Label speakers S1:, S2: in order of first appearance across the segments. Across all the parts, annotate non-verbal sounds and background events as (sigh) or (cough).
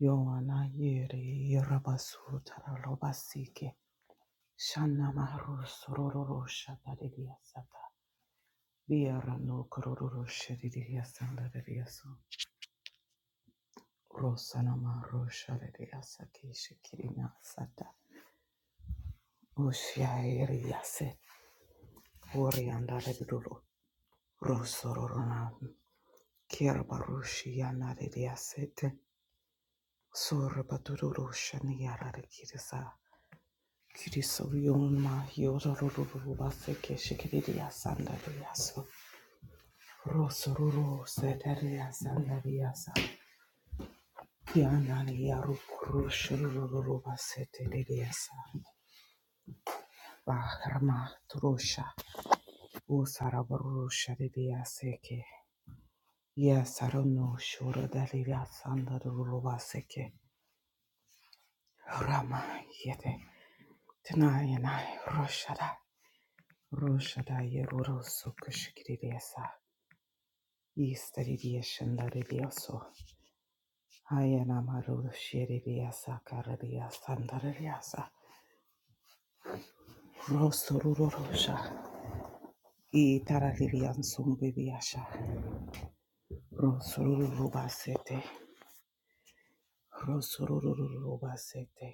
S1: Yoana Yeri Rabasutara Robasike Shana Maru Sororo Shataridia Sata Viera no Kororo Shadidia Sandariaso Rosana Maru Shadidia Saki Shikirina Sata Ushiairiase Orianda Redulu Rosorona Kirabarushi Yana Ridiasete Sorbatururu Shaniyara Kirisa Kirisorioma Yororubas Keshikiriya Sandariasu Rosoruru Setaria Sandariasa Yanania Rukrushuruba Setediasa Bahrama Trusha Usarabarusha Didiaseke Yasarono Shuradaria Sandaruba Seke Rama Yete Tanayana Roshada Roshadaye Uroso Kushkiriasa Easteririasandarioso Ayanamaru Shiriasa Karadia Sandarasa Rosorusha Itararian Sumbibiasha Rosorubasete Rosorubasete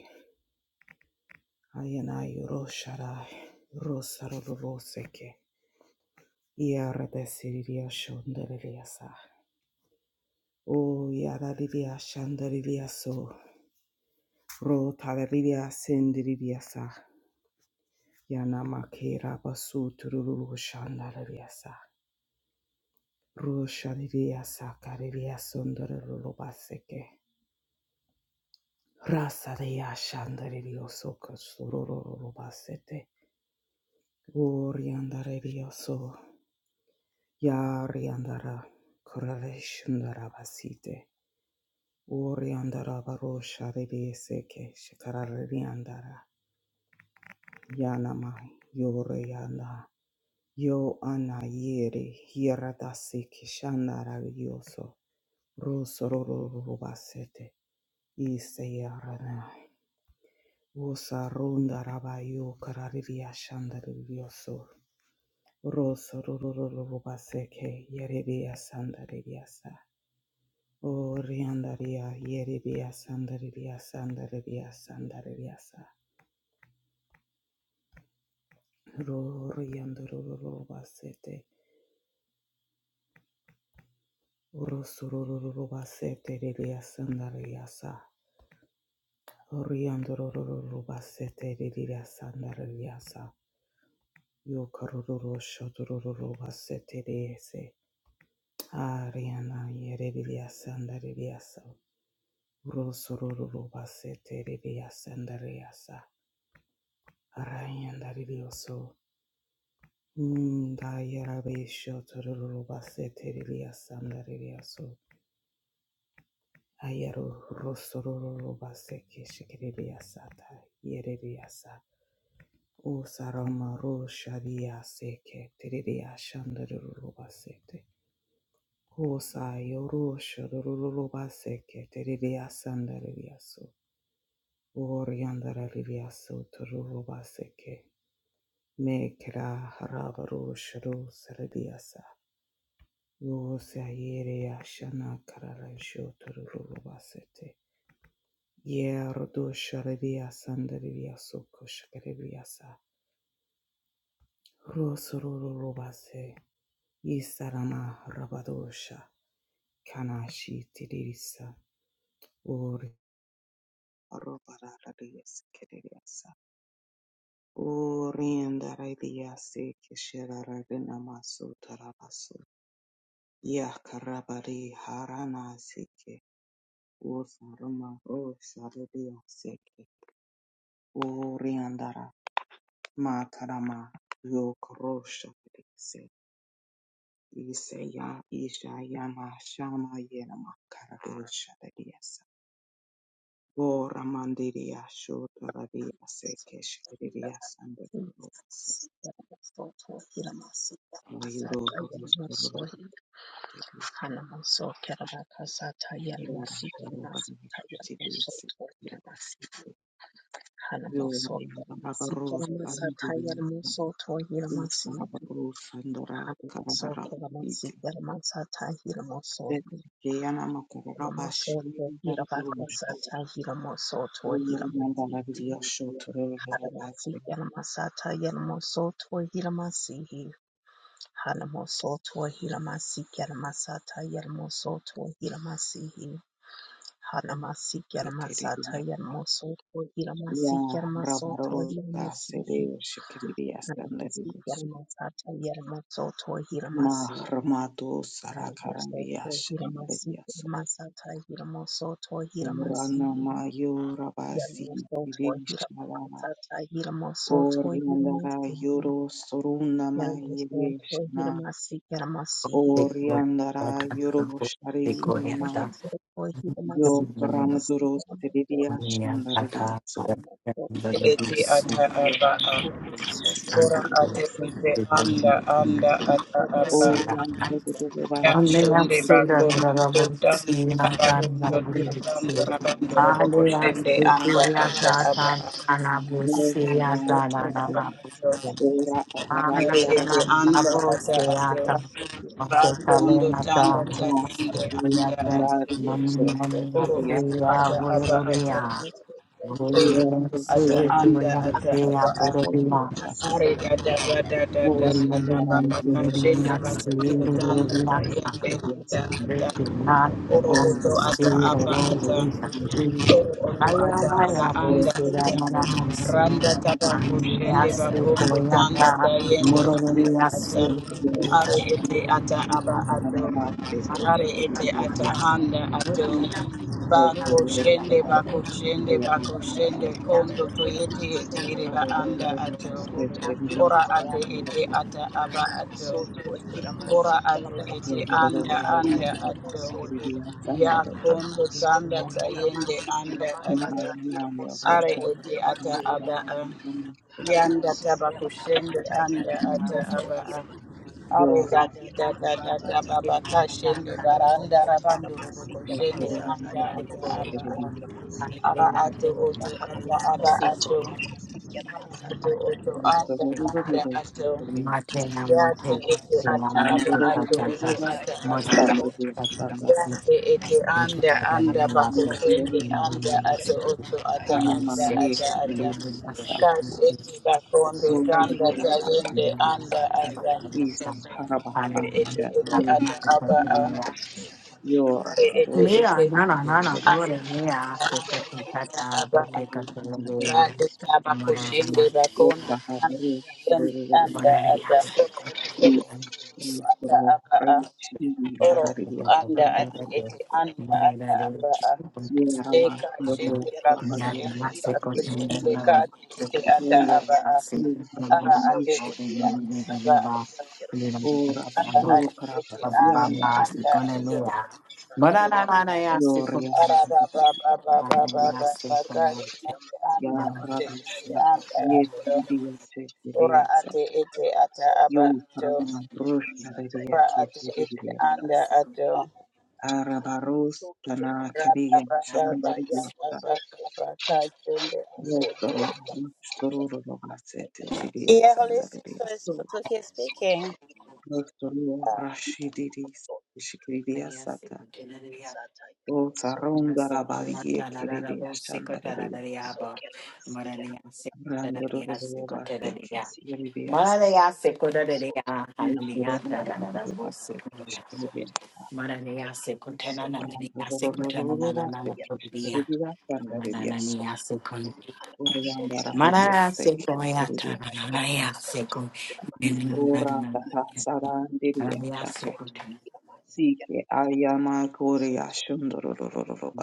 S1: Ayanayu Rosharai Rosaruboseke Iara de Siriasundariasa O yaradidia shandaridia so, ro tararidia sendiridia sa, yanamakera basu tururu shandaridia sa, ro shadidia sa karidia sondaruru baseke, rasadia shandaridio so kasururu basete, o riandaridia so, yariandara kurare shandarabasite. Ori andara barosha rede seke shikarari andara yanamai yore yanda yo ana yere hirata seke shandara yoso rosororo rubasete ise yaranai usa runda raba yo karari yashandari yoso rosororo rubaseke yerebe yasandari yasa Oriandaria, Yeribia, Sandaribia, Sandaribia, Sandaribia, Roro yandororo basete. Rosororo basete lilia sandariasa. Oriandororo basete lilia sandariasa. Yokaroro shodororo basete liese. Ariana yere lilia sandariasa. Rosororo basete lilia sandariasa. Arayandarioso. Ndayarabe shotororo basete lilia sandariaso. Ayaro rosororo baseke shikiriria sata yereria sa. O sarama ro sharia seke teriria shandaruru basete. O sa yoro shadururu baseke teriria sandaria so. O riandararia so tururu baseke. Me kira harabaru shadu saradia sa. O sa yereia shana kararasho tururu basete. Yeah, Rodo Sharavia Sandaria Soko Shakariasa. Rosororo Robase. Yisarama Rabadosha. Kanashi Tidirisa. Ori Robaradias Kiriasa. Oriendaradiasi Kishiraradinamasu Tarabasu. Yakarabari Harana Siki. Usarama Rosaradia Siki. Matarama Yokorosha Dese Iseya Ishayama Shama Yerama Karadosha Desa Bora Mandiria Shotarabia Sekesh Riria Sandrose
S2: Hanamoso
S1: Ayuro Horus Rote Kira Harabani Shutibisi Dasi Yori Rabarus Aridia Usna Rabarus Sandora Karara
S2: Kiramasata Hiramoso
S1: Yana makorora bashiri
S2: Hiramosoto,
S1: darabirusha.
S2: Hirabakasata, Hiramosoto,
S1: Umuriyandara biriyasho
S2: Hiramasihi,
S1: turororo
S2: Haramasiki, Haramasata, Yaramosoto, Hiramasihi, Haramosoto, Hiramasiki, Haramasata, Yaramosoto, Hiramasihi, Haramasiki, Haramasata,
S1: bateteririya.
S2: Yaramosoto,
S1: Ya
S2: Hiramasiki, Haramasoto,
S1: ramaroro dasere
S2: Hiramasihi,
S1: shikiririya
S2: Haramasiki,
S1: standaririyaso.
S2: Haramasata, Yaramosoto,
S1: Ma
S2: Hiramasihi,
S1: ramado
S2: Haramosoto,
S1: sarakarariyasha
S2: Hiramasihi,
S1: naririyaso.
S2: Haramasata, Yaramosoto,
S1: Urana
S2: Hiramasihi,
S1: mayo rabasi
S2: Yaramosoto
S1: irishara.
S2: Hiramakata Hiramosoto
S1: Oriyandara
S2: Hiramasihi
S1: yoro soruna mayere
S2: Yaramosoto
S1: shana.
S2: Hiramasi Yaramasihi
S1: Oriyandara yoro
S3: Hallelujah.
S1: shaririyama.
S2: Yaramosoto
S1: Yo
S2: Hiramasi Yaramasi
S1: Paramuduros Teridia
S2: Yaramosohi
S1: Shandaridia so
S2: Yaramosoto
S4: eti
S2: Hiramasi
S4: ata aba a
S2: Yaramosoto
S4: ora
S2: Hiramasihi Yaramosoto
S4: ate
S2: Hiramasi
S4: ete anda anda ata
S2: Yaramosoto
S4: aba a
S2: Hiramasi Yaramosoto
S1: Orianda
S4: ya
S2: Yaramosoto Hiramasi Yaramosoto
S4: shende
S2: Yaramosoto
S4: bakondo totanda tabakondo
S2: Hiramasi
S4: totanda rabando roboko shende
S2: Yaramosoto
S4: anda ata aba a aba ato
S2: Hiramasi
S1: Ora
S3: Vaya,
S4: ere
S1: Arabia
S2: Yaramosoto
S4: ete
S1: Rabia
S3: vaya,
S4: anda
S3: vos,
S4: ata ato bakondo tanda
S1: No
S4: tayende
S1: Arabia
S4: anda ato
S1: Shandario so
S4: oro
S1: Teridia
S4: oto ata aba ato oro
S1: Yera
S4: oto ata
S1: Soro
S4: anda ata aba a
S1: Teridia
S4: Ari da da da da da da da da
S1: Orianda
S4: ba ba ka
S1: Rabia
S4: shende ba kondo tanda ta yende
S1: Rabia
S4: da da oro
S1: Dos
S4: oto ata aba ata oro oto ata aba
S1: Your
S4: anda
S3: será
S4: ata
S3: maravilloso.
S4: randa ta ba ko
S3: Aleluya,
S4: shende ba
S3: se
S4: kondo tanda ta
S3: coyata,
S4: yende anda
S3: mororía,
S4: ata are ete ata aba ato are ete ata anda ato ba shende ba shende ba shende
S2: Hallelujah.
S4: kondo to yete yete ire anda ato Ora ate ete ata aba ato. Ora ate ete anda anda ato. Ya kondo tanda tayende anda ato. Are ete ata aba a. Yanda taba kushende anda ata aba a. Are da da da da da da baba kashende baranda rabandu kushende anda ata aba a. Ara ato oto ata aba ato. Ara ato
S1: Hanamaniye
S4: oto anda anda ato.
S3: Martin, I'm going
S4: Yate
S2: Hana
S4: ete
S2: sought
S4: ata
S2: for
S4: aba ato oto ata
S2: sotulikira
S4: aba.
S3: to
S2: Sought for
S3: take
S2: masi
S4: Yate ete anda
S3: Mira, no,
S4: anda
S2: hana
S3: no,
S4: bakutende
S2: sotulikira
S4: anda
S2: masi
S4: ato
S2: kira
S4: oto ata
S2: masatagira
S4: anda ata
S2: sotulikira
S4: ata.
S2: masi
S4: Kashende
S2: hana
S4: bakonde tanda
S2: sotulikira masi
S4: tayende
S2: kira
S4: anda ata.
S2: masatagira sotulikira
S4: Are ete ete ata aba a. Are ete ete
S3: no, no, pobre
S4: anda
S3: mía, se está
S4: ata
S2: masi
S3: sentata,
S4: aba a.
S2: kira
S3: boteca, se le
S2: masatagira
S3: vea,
S4: Rade taba kushende
S3: morería,
S4: bakonde tanda tayende anda ata. Oro oto ata aba a. oro anda ati ete anda ata aba
S3: morería, (laughs)
S1: Yerama
S4: deka
S2: sotulikira masi
S3: Mararia,
S4: shende
S1: Yoro
S2: kira
S4: bako
S1: Prabhadev
S4: shende
S2: masatagira
S4: bako
S1: Prabhadev
S4: shende
S2: sotulikira
S4: kati
S2: masi
S4: ete ata
S1: Yoya
S4: aba
S1: Rupa
S2: hana
S4: ara ati
S1: Dirvishi
S4: ete
S2: sotulikira
S4: ata
S2: masi
S4: aba
S2: kira masi
S4: ato
S2: kira masi
S1: Ora
S4: ara
S1: Babu
S4: ati ete anda
S1: Prabhadiyanda
S4: anda
S1: Yako
S4: ato
S1: Yoria
S4: ara ba ba ba ba ba ba
S1: Namba
S4: ba ba ka shende anda
S1: Ya
S4: ati ete
S1: Radusha
S4: anda ato
S1: Yetidia
S4: ora
S1: Chetiriyasa
S4: ati ete ata aba
S1: Yo
S4: ato
S1: Prama Drusha
S4: ora
S1: Riyasa
S4: ati ete
S1: Yetiriyasa
S4: anda ato
S2: Hallelujah.
S1: Arabaros Tana
S4: Yeah,
S1: Kariya Shamandariyasa Doktoro Rustoro Rogasete
S4: holistic source
S1: Diriyasa
S2: So
S4: Put
S2: to
S4: speaking.
S2: you know, see him.
S1: Rostoro
S2: So to you
S1: Rashidiris
S2: know,
S1: Shikridia
S2: see
S1: Sata
S2: him. So to you
S1: O
S2: know, see him.
S1: Saronda Rabaye Kiridia Shandaria
S2: So to you know, see him. So to you know, see him. So to you know, see him.
S1: Randoro Barteki Yeridias
S3: Maranea sekundanea
S1: Nusuro
S3: hanea tararara
S1: Barteki
S3: bosukunia.
S1: Shikridia
S3: Maranea sekuntanananea
S1: Randoro
S3: sekutanananana
S1: Barteki
S3: bodia.
S1: Shikridia Sandarias
S3: Marananea sekun.
S2: So
S1: Urianda
S2: to you know, see him. So to you know,
S1: Radia
S3: Mara
S2: see
S1: Seki
S2: him.
S3: sekoya
S1: Shikridia
S3: tarananea
S2: So to you
S3: sekun.
S2: know, see him.
S3: Nenanananea
S1: Ora Tata
S3: sekun.
S1: Sarandiria
S3: Maranea
S1: Sake
S2: Hanamasot
S3: sekuntananea
S2: Hilamasya
S1: Sike
S2: Satai
S1: Ayama Korea
S2: Soto
S1: Shundoro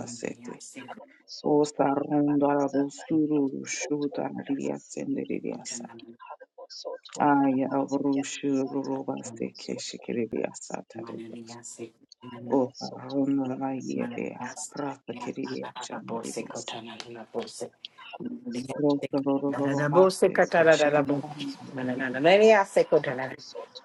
S3: sekun.
S1: O
S2: Hanamosoto
S1: sarundara
S2: Hilamasata
S1: bosuru
S2: Hilamosoto
S1: shuda riria
S2: Hilamasi
S1: tsenderiasa.
S3: Sekuntananana.
S2: Hanamosoto
S1: Aya
S2: Hilamasya
S1: vrushu
S2: Sata
S1: rubaste
S2: Hilamosoto
S1: keshikiriasa
S2: Hilamasi
S1: taredias.
S3: Maranea sekun.
S1: O
S2: Hanamosoto
S1: sarrondo la
S2: Hilamasya
S1: maiedea.
S3: Mananasi,
S2: Sata
S1: rata che
S2: Hilamosoto
S1: riassa nere
S3: yanabose,
S1: diassa.
S2: Hilamasi
S3: kotananabose,
S2: Hanamosoto
S3: mananasi,
S1: Rotta roba
S2: Hilamasya
S1: sarundara
S3: kotananabose,
S1: yedea rasa kiriria chanderias. Rosa rorobate
S2: Sata
S3: katananabu,
S1: keshikirani
S2: Hilamosoto
S1: ye
S3: mananananasi, kotananabose,
S2: Hanamosoto Hilamasya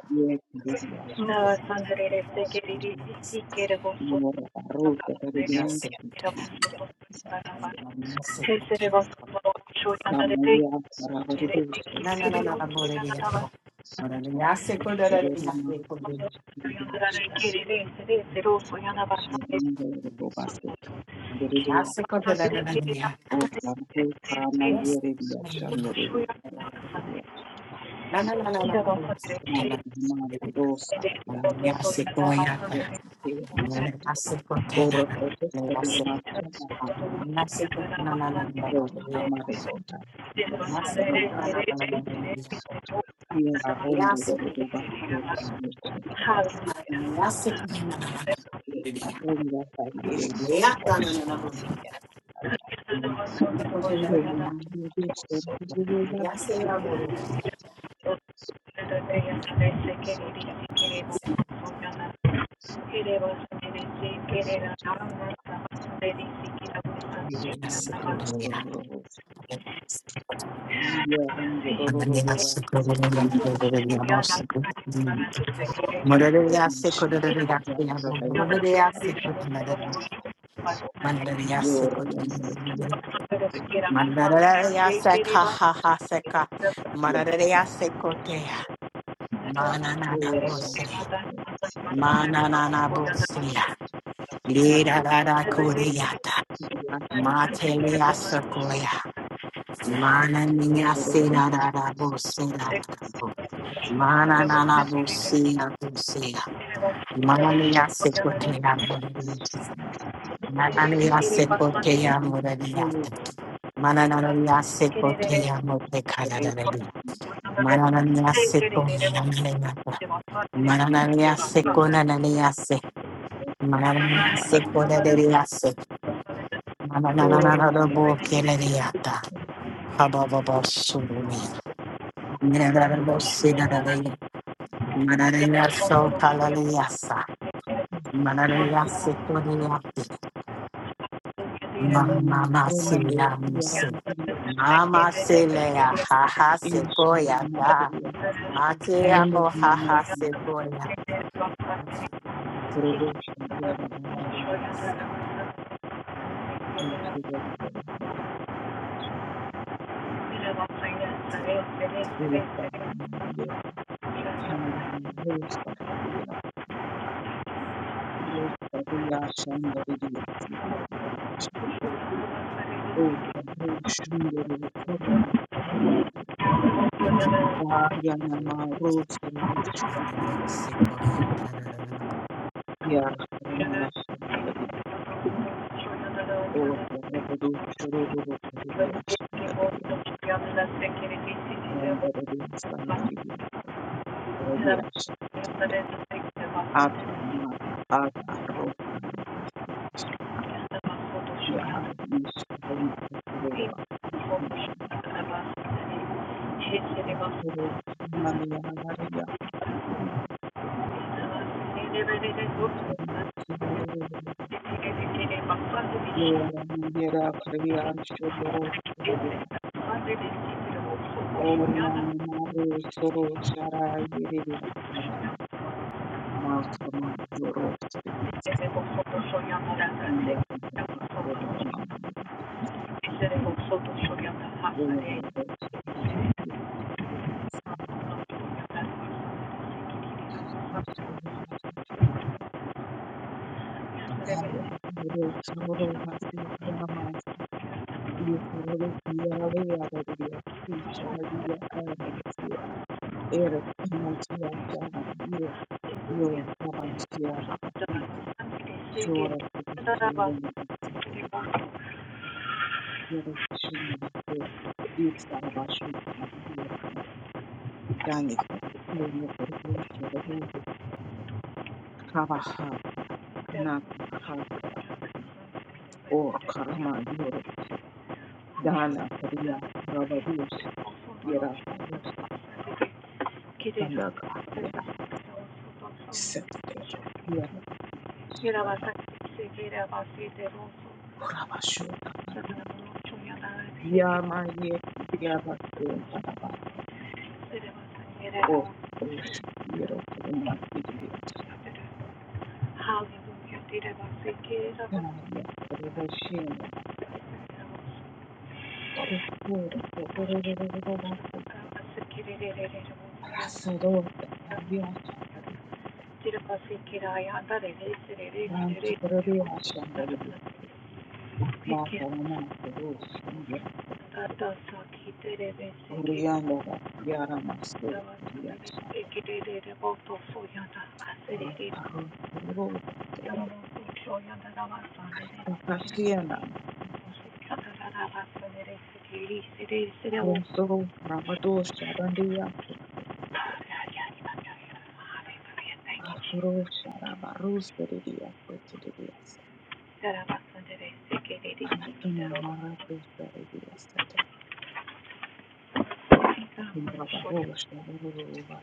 S1: kiriasa.
S5: Nada
S2: Sata
S5: sangrereste queriri
S2: Hilamosoto
S5: si quiere
S2: Hilamasi
S5: vosotros
S1: Yora ruta
S2: so
S1: taredian
S5: sangrereste
S3: mananasi,
S5: quiera
S3: kotananabose,
S2: Sikila
S5: vosotros
S1: kiriasa.
S5: sangrarabas.
S2: Satai
S3: mananasi,
S2: Sotoi
S5: Tesere
S3: kotananabose,
S5: vosotros şu yanarete
S1: Ramaya
S2: Sotoi
S5: nerete
S1: ravarusa.
S5: kirere
S2: Sikila
S5: vutlu
S2: Satai
S5: yanarabas
S3: nanananaboreliyako,
S2: Sotoi
S3: mananasi,
S2: Nasi
S1: Sororama ye
S3: kotananabose,
S5: yanarare
S1: kiriasa.
S2: Halamoso
S5: kirere sere sero su
S2: Sikila
S5: yanabas sangrerete
S2: Satai
S1: Shandrindoro
S2: Sotoi
S1: Baseke, Kiridia,
S3: mananasi,
S2: Halamosoto
S5: quiera
S3: kotananabose,
S1: Osnabu, Karama,
S5: sangrerete
S3: yes,
S1: Yeredia,
S5: vutlu şu
S1: Shandrivia,
S5: yanarabas
S3: mananananabose,
S5: sangrerete quiera vos sangrerete
S1: Mantama,
S3: kotananabose,
S1: Rosa,
S5: nerete
S1: Yastet,
S5: vutlu su yanarabas sangrerete quiera vos
S3: mananasi,
S5: sangrerete
S3: koya. Yes,
S1: Tema, Ora, Totos, Kernia, Chama, Ro, Rama, Regina, Shandra, Kia, Rondo, Roba, Seke, Shandra, Rosa, Ronda, Taye,
S2: Sota
S1: Kiridia, Shandra,
S5: vos şu yanarabas
S1: Roba, Ayam, Rosto,
S3: Mandarayasikote.
S2: Satai
S3: Mandarayasakahahaseka. Mandarayasikoteya. Mananana boseya. Mananana boseya. Lirarara
S5: Thank you.
S3: kuriyata
S5: Thank
S3: Manana
S1: Yeah.
S2: Sotoi Sotoi
S3: Mananiya sepoteya muradiyatta. Manananiya sepoteya mutekanadarabi. Manananiya seponenananayata. Manananiya sekonananiyase. Manananiya sekonananiyase. Mananananarabo kelaniyata.
S5: you.
S3: Habababa surumi. Nenarabo sinadarayi. Manananiya sokalaliyasa. Manananiya sekoniyate. Mama se ya muse. Mama se le ya
S5: Thank
S3: ha
S5: you.
S3: ha se goya
S5: Thank
S3: da. Mate ya mo ha ha se goya. Mate ya mo te.
S1: Kurubushi
S3: Mama
S1: yararamaga
S3: ni se.
S1: y'ikirenga
S3: Mate ya mo te ka. Mate ya ni.
S1: hanarariyarariya yashandaririyaci
S3: Te ya te
S5: you.
S3: ko.
S1: urushunduru
S3: Te ko.
S1: rukoroba Aryanama rusurusha
S3: Mama ni se goya da da da da.
S1: yarariyashandaririya urushurururururiyashandaririya randaririyasandaririya rariyashandaririya Abba, Mama, Abba, Roka, Ya, Ishkali, Kurura,
S5: Şey, şey,
S1: Mania, Maria,
S5: bak.
S1: Yora, Mira, Kriyan, Shundoro, Kriya, Oria, Maru, Soro, Shara, Yiriya, Makrama, Yoro, Kriya, Ya, Kurura, Mama, Kriya, Oria, Kriya,
S5: Thank you.
S1: Haya, ro- sororo basi rama, yo sororo kiyara veya gadiya, kichara diya ayana sira, ere kamachiya chana yo yo rabashiya hakatite, shora kuku sororo yabasi
S5: Thank
S1: gadiya,
S5: you.
S1: yara kishuna basi, yitsara bashi kira veya gadiya, yani kara kuno kurbo shora veya gadiya, kava hata, nakuna haya rabasi, or karama yoro Dana Kriya Ravarusa Yera Varusa Tandak Yera Seteka Yera
S5: Yere
S1: Vashara
S5: basar, sevgiyle basiyetleri olsun.
S1: Puravashura
S5: Tadına bulmak için yanar, sevgiyle
S1: Yama Yeki Yava Tanabata
S5: basar, yere basar, yere
S1: O Rusha
S5: basar.
S1: Yero Kuruma Yidya
S5: Hallelujah. Did I say get up?
S1: Daya Kurvashina
S5: Did I
S1: Kurpura
S5: say
S1: Rasadota Yavya Shandariya
S5: get I under it? Is it is it is it is it
S1: Rantu
S5: is
S1: Kuradiya Shandariya Mata Ramata Rusya Oriana Yara Masu Riasha
S5: it is it
S1: Orokaro Rova
S5: Thank
S1: Tege Rakashiana Rosoro Rabado Shadandia Astro Sharaba Rosaridia Setidia
S5: you,
S1: Satamo Maratu Saridia Sata
S5: Jesus.
S1: Rabaro Shadarova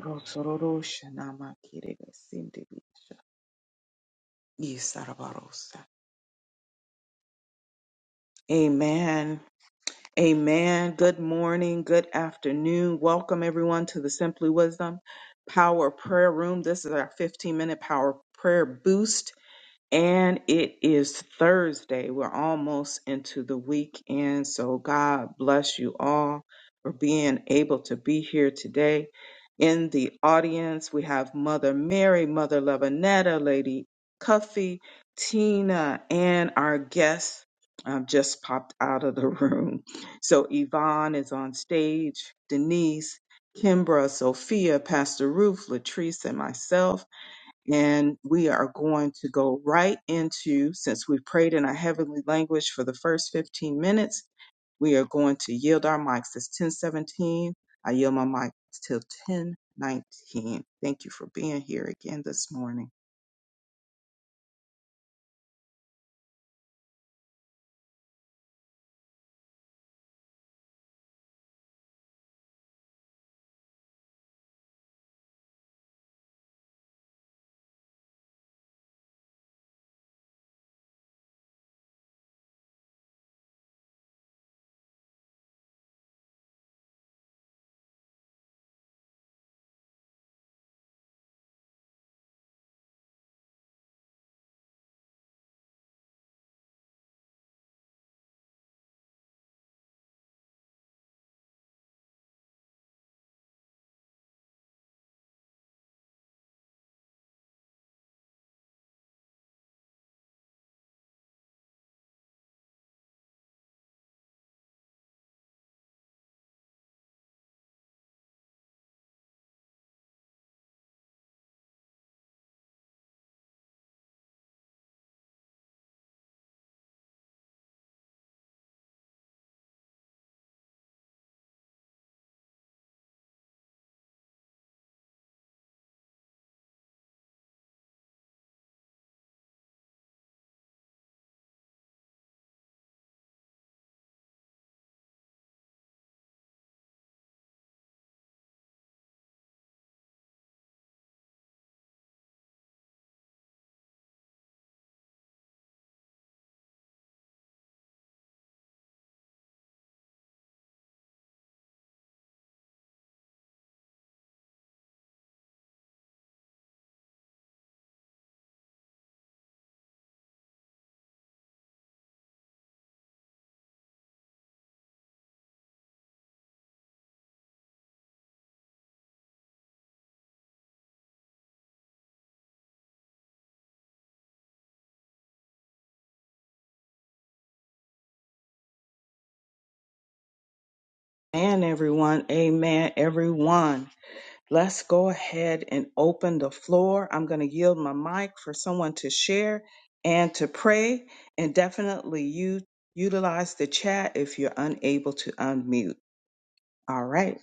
S1: Rosoro Shanama Kirega Sindivisha Yisarabarosa Amen Amen. Good morning. Good afternoon. Welcome everyone to the Simply Wisdom Power Prayer Room. This is our 15 minute power prayer boost and it is Thursday. We're almost into the weekend. So God bless you all for being able to be here today. In the audience, we have Mother Mary, Mother Levinetta, Lady Cuffy, Tina, and our guest um, just popped out of the (laughs) room. So Yvonne is on stage, Denise, Kimbra, Sophia, Pastor Ruth, Latrice, and myself. And we are going to go right into, since we prayed in our heavenly language for the first 15 minutes, we are going to yield our mics. It's 1017. I yield my mic till 1019. Thank you for being here again this morning. And everyone, amen, everyone. Let's go ahead and open the floor. I'm going to yield my mic for someone to share and to pray. And definitely you utilize the chat if you're unable to unmute. All right.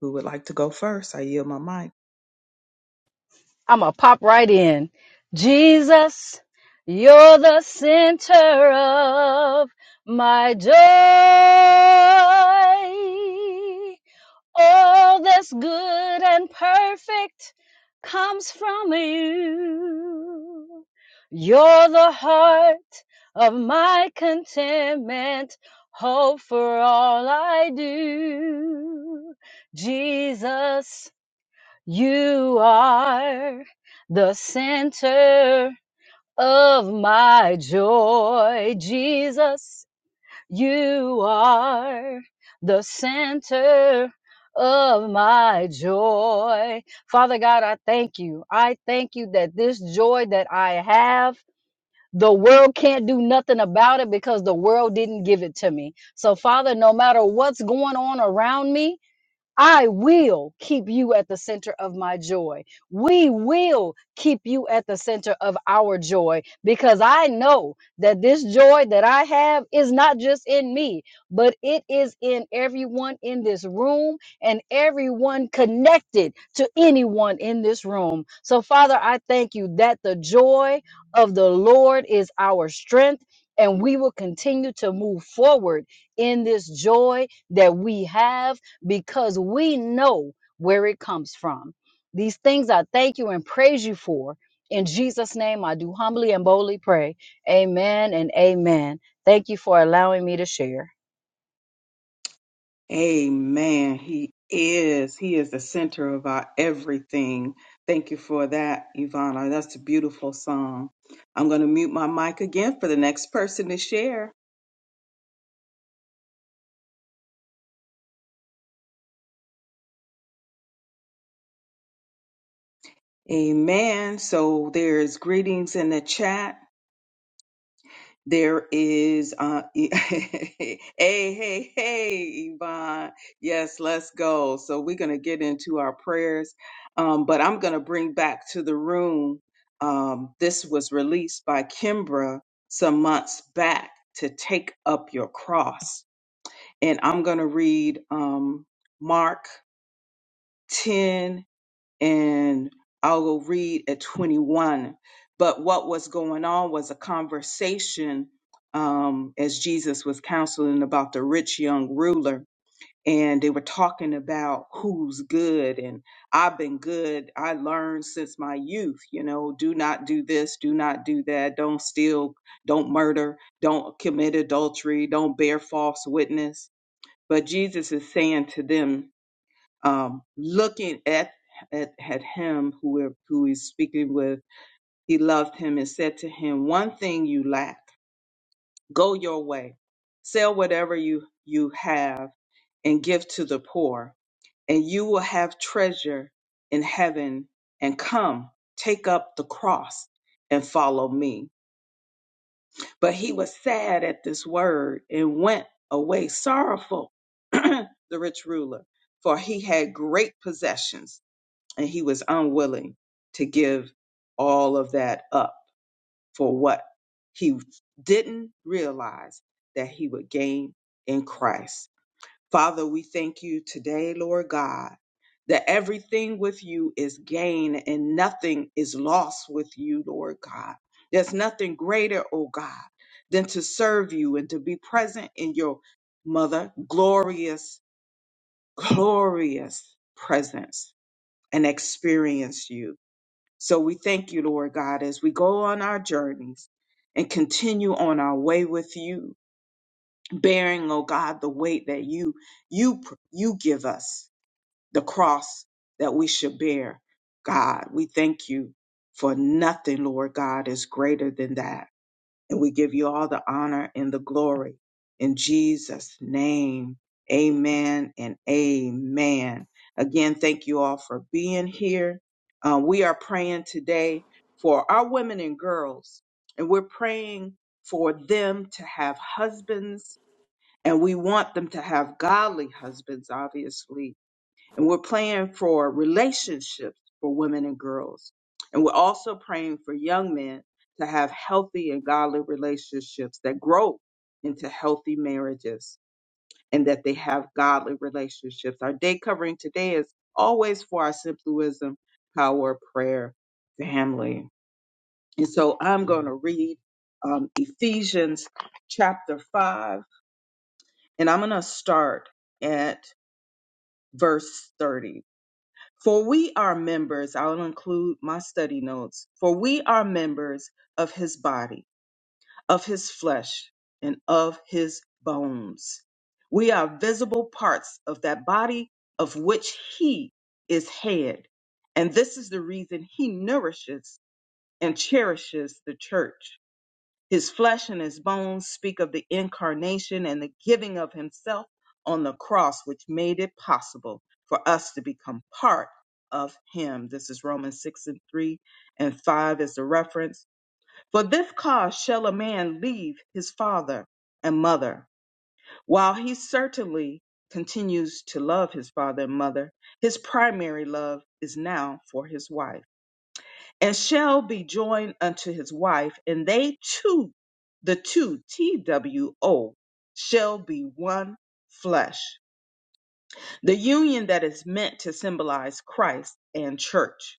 S1: Who would like to go first? I yield my mic.
S6: I'm going to pop right in. Jesus, you're the center of my joy. All that's good and perfect comes from you. You're the heart of my contentment, hope for all I do. Jesus. You are the center of my joy, Jesus. You are the center of my joy. Father God, I thank you. I thank you that this joy that I have. The world can't do nothing about it because the world didn't give it to me. So, Father, no matter what's going on around me, I will keep you at the center of my joy. We will keep you at the center of our joy because I know that this joy that I have is not just in me, but it is in everyone in this room and everyone connected to anyone in this room. So, Father, I thank you that the joy of the Lord is our strength. And we will continue to move forward in this joy that we have because we know where it comes from. These things I thank you and praise you for. In Jesus' name, I do humbly and boldly pray. Amen and amen. Thank you for allowing me to share.
S1: Amen. He is. He is the center of our everything. Thank you for that, Ivana. That's a beautiful song. I'm going to mute my mic again for the next person to share. Amen. So there's greetings in the chat. There is uh (laughs) hey hey hey Yvonne. Yes, let's go. So we're gonna get into our prayers. Um, but I'm gonna bring back to the room. Um, this was released by Kimbra some months back to take up your cross. And I'm gonna read um Mark 10 and I'll go read at 21. But what was going on was a conversation um, as Jesus was counseling about the rich young ruler. And they were talking about who's good. And I've been good. I learned since my youth, you know, do not do this, do not do that, don't steal, don't murder, don't commit adultery, don't bear false witness. But Jesus is saying to them, um, looking at, at at him who we're- who he's speaking with, he loved him and said to him, "One thing you lack. Go your way, sell whatever you you have and give to the poor, and you will have treasure in heaven. And come, take up the cross and follow me." But he was sad at this word and went away sorrowful. (clears throat) the rich ruler, for he had great possessions. and he was unwilling to give all of that up for what he didn't realize that he would gain in Christ. Father, we thank you today, Lord God, that everything with you is gain and nothing is lost with you, Lord God. There's nothing greater, oh God, than to serve you and to be present in your mother glorious, glorious presence and experience you. So we thank you, Lord God, as we go on our journeys and continue on our way with you, bearing, oh God, the weight that you you you give us, the cross that we should bear. God, we thank you for nothing, Lord God, is greater than that. And we give you all the honor and the glory. In Jesus' name, amen and amen. Again, thank you all for being here. Uh, we are praying today for our women and girls, and we're praying for them to have husbands, and we want them to have godly husbands, obviously and we're praying for relationships for women and girls. And we're also praying for young men to have healthy and godly relationships that grow into healthy marriages and that they have godly relationships. Our day covering today is always for our simplism, power, prayer, family. And so I'm going to read um, Ephesians chapter 5, and I'm going to start at verse 30 For we are members, I'll include my study notes, for we are members of his body, of his flesh, and of his bones. We are visible parts of that body of which he is head. And this is the reason he nourishes and cherishes the church. His flesh and his bones speak of the incarnation and the giving of himself on the cross, which made it possible for us to become part of him. This is Romans 6 and 3 and 5 is the reference. For this cause shall a man leave his father and mother. While he certainly continues to love his father and mother, his primary love is now for his wife and shall be joined unto his wife, and they two, the two, T W O, shall be one flesh. The union that is meant to symbolize Christ and church,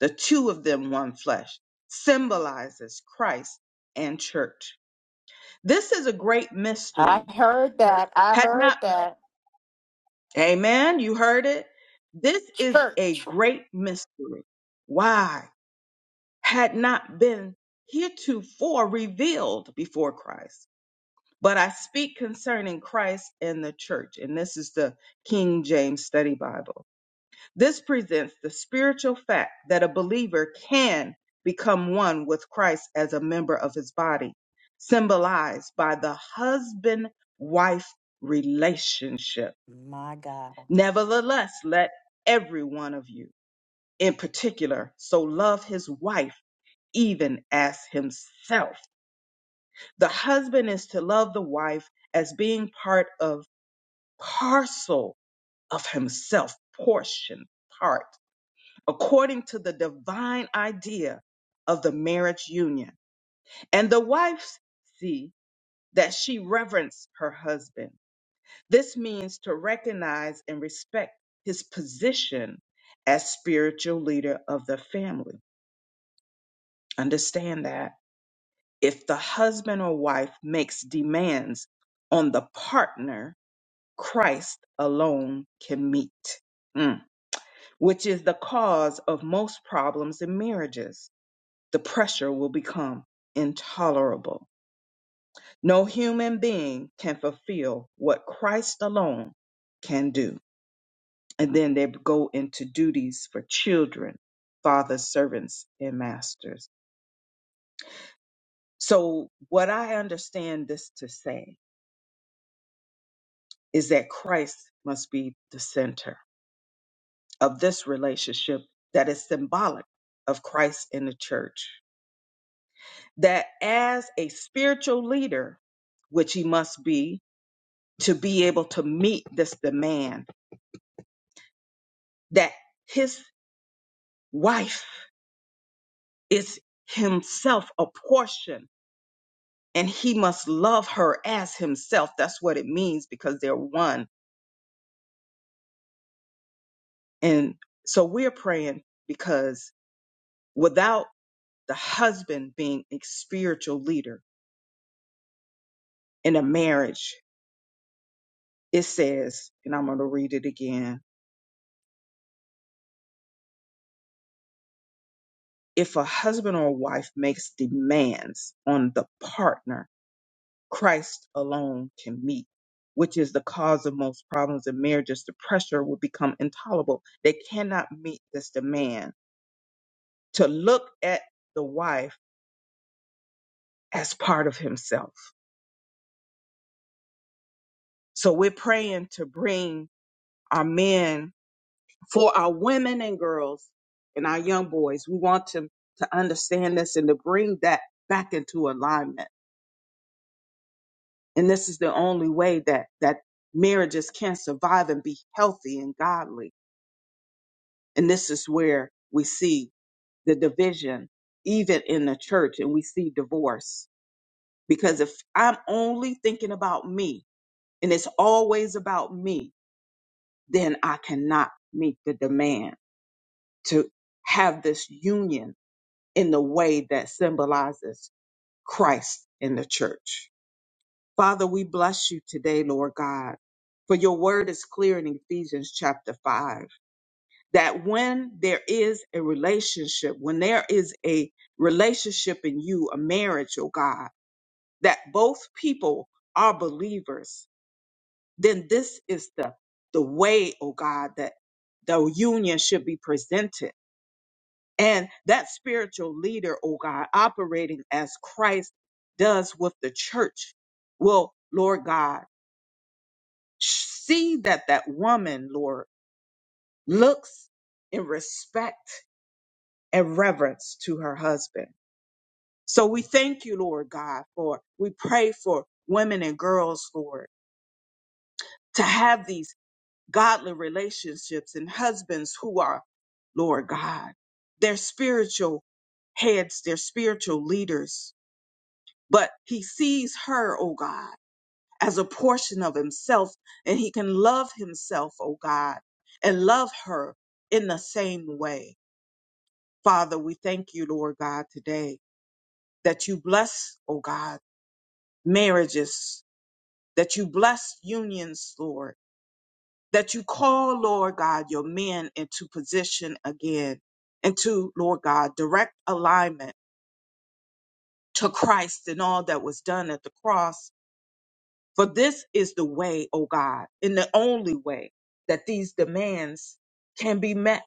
S1: the two of them one flesh, symbolizes Christ and church. This is a great
S3: I
S1: mystery.
S3: heard that. I
S1: Had
S3: heard
S1: not,
S3: that.
S1: amen, you heard it. This is a
S3: Church.
S1: great mystery. Why? had not been heretofore revealed before Christ. But I speak concerning Christ and the church. And this is the King James Study Bible. This presents the spiritual fact that a believer can become one with Christ as a member of his body, symbolized by the husband wife relationship.
S3: My
S1: Nevertheless, let every one of you in particular so love his wife even as himself. The husband is to love the wife as being part of parcel of himself, portion, part, according to the divine idea of the marriage union. And the wife see that she reverence her husband. This means to recognize and respect his position as spiritual leader of the family. Understand that if the husband or wife makes demands on the partner Christ alone can meet, Mm. which is the cause of most problems in marriages. The pressure will become intolerable. No human being can fulfill what Christ alone can do. And then they go into duties for children, fathers, servants, and masters. So, what I understand this to say is that Christ must be the center of this relationship that is symbolic of Christ in the church. That as a spiritual leader, which he must be to be able to meet this demand, that his wife is himself a portion and he must love her as himself. That's what it means because they're one. And so we're praying because without the husband being a spiritual leader, in a marriage, it says, and I'm going to read it again if a husband or wife makes demands on the partner, Christ alone can meet, which is the cause of most problems in marriages. The pressure will become intolerable. They cannot meet this demand to look at the wife as part of himself. So we're praying to bring our men for our women and girls and our young boys. We want them to understand this and to bring that back into alignment. And this is the only way that that marriages can survive and be healthy and godly. And this is where we see the division, even in the church, and we see divorce. Because if I'm only thinking about me and it's always about me, then I cannot meet the demand to have this union in the way that symbolizes Christ in the church. Father, we bless you today, Lord God, for your word is clear in Ephesians chapter 5 that when there is a relationship, when there is a relationship in you, a marriage, oh God, that both people are believers, then this is the the way, oh God, that the union should be presented and that spiritual leader, oh God, operating as Christ does with the church, will, Lord God, see that that woman, Lord, looks in respect and reverence to her husband. So we thank you, Lord God, for we pray for women and girls, Lord, to have these godly relationships and husbands who are, Lord God, their spiritual heads, their spiritual leaders, but he sees her, oh God, as a portion of himself, and he can love himself, oh God, and love her in the same way. Father, we thank you, Lord God, today that you bless, oh God, marriages, that you bless unions, Lord, that you call, Lord God, your men into position again, into, Lord God, direct alignment to Christ and all that was done at the cross For this is the way, O God, in the only way that these demands can be met.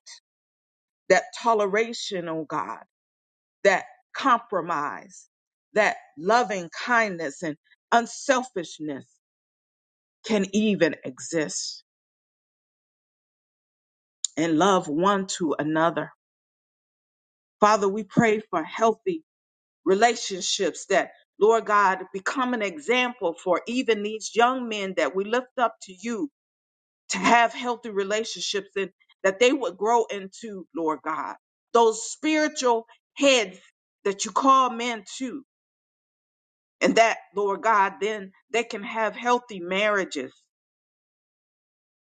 S1: That toleration, O God, that compromise, that loving kindness and unselfishness can even exist and love one to another. Father, we pray for healthy relationships that, Lord God, become an example for even these young men that we lift up to you to have healthy relationships and that they would grow into, Lord God, those spiritual heads that you call men to. And that, Lord God, then they can have healthy marriages,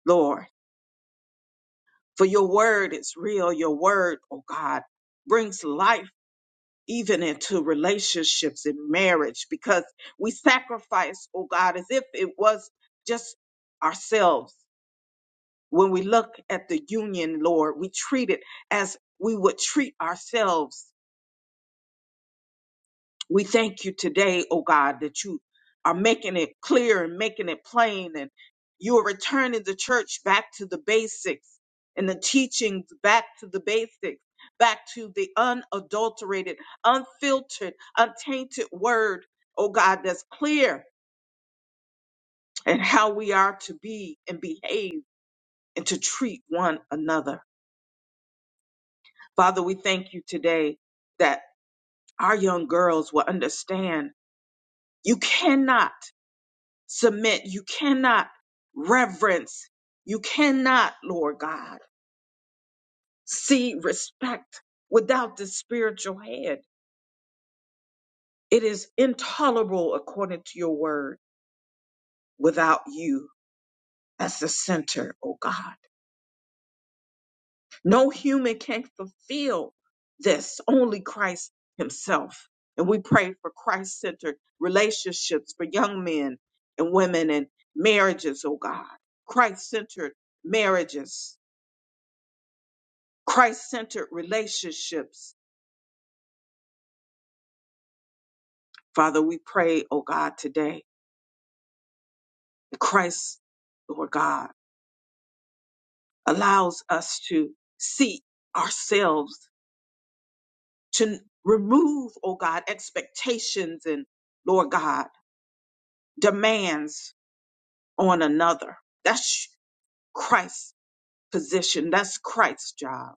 S1: Lord. For your word is real. Your word, oh God, brings life even into relationships and marriage because we sacrifice, oh God, as if it was just ourselves When we look at the union, Lord, we treat it as we would treat ourselves. We thank you today, oh God, that you are making it clear and making it plain and you are returning the church back to the basics and the teachings back to the basics, back to the unadulterated, unfiltered, untainted word, oh God, that's clear and how we are to be and behave and to treat one another. Father, we thank you today that our young girls will understand you cannot submit, you cannot reverence, you cannot, Lord God, see respect without the spiritual head. It is intolerable according to your word without you as the center, oh God. No human can fulfill this, only Christ Himself. And we pray for Christ centered relationships for young men and women and marriages, oh God. Christ centered marriages, Christ centered relationships. Father, we pray, oh God, today, that Christ, Lord God, allows us to see ourselves, to remove, oh God, expectations and, Lord God, demands on another. That's Christ's position. That's Christ's job.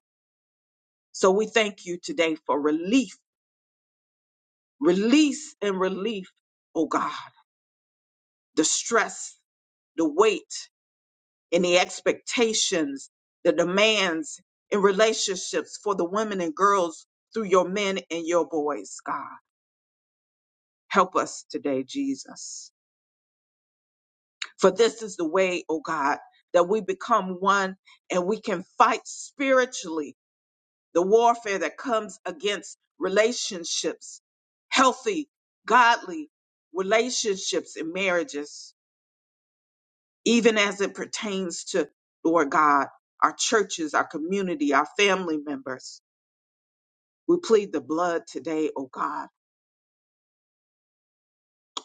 S1: So we thank you today for relief, release and relief, oh God, the stress, the weight, and the expectations, the demands in relationships for the women and girls through your men and your boys, God. Help us today, Jesus. For this is the way, oh God, that we become one and we can fight spiritually the warfare that comes against relationships, healthy, godly relationships and marriages, even as it pertains to, Lord God, our churches, our community, our family members. We plead the blood today, oh God,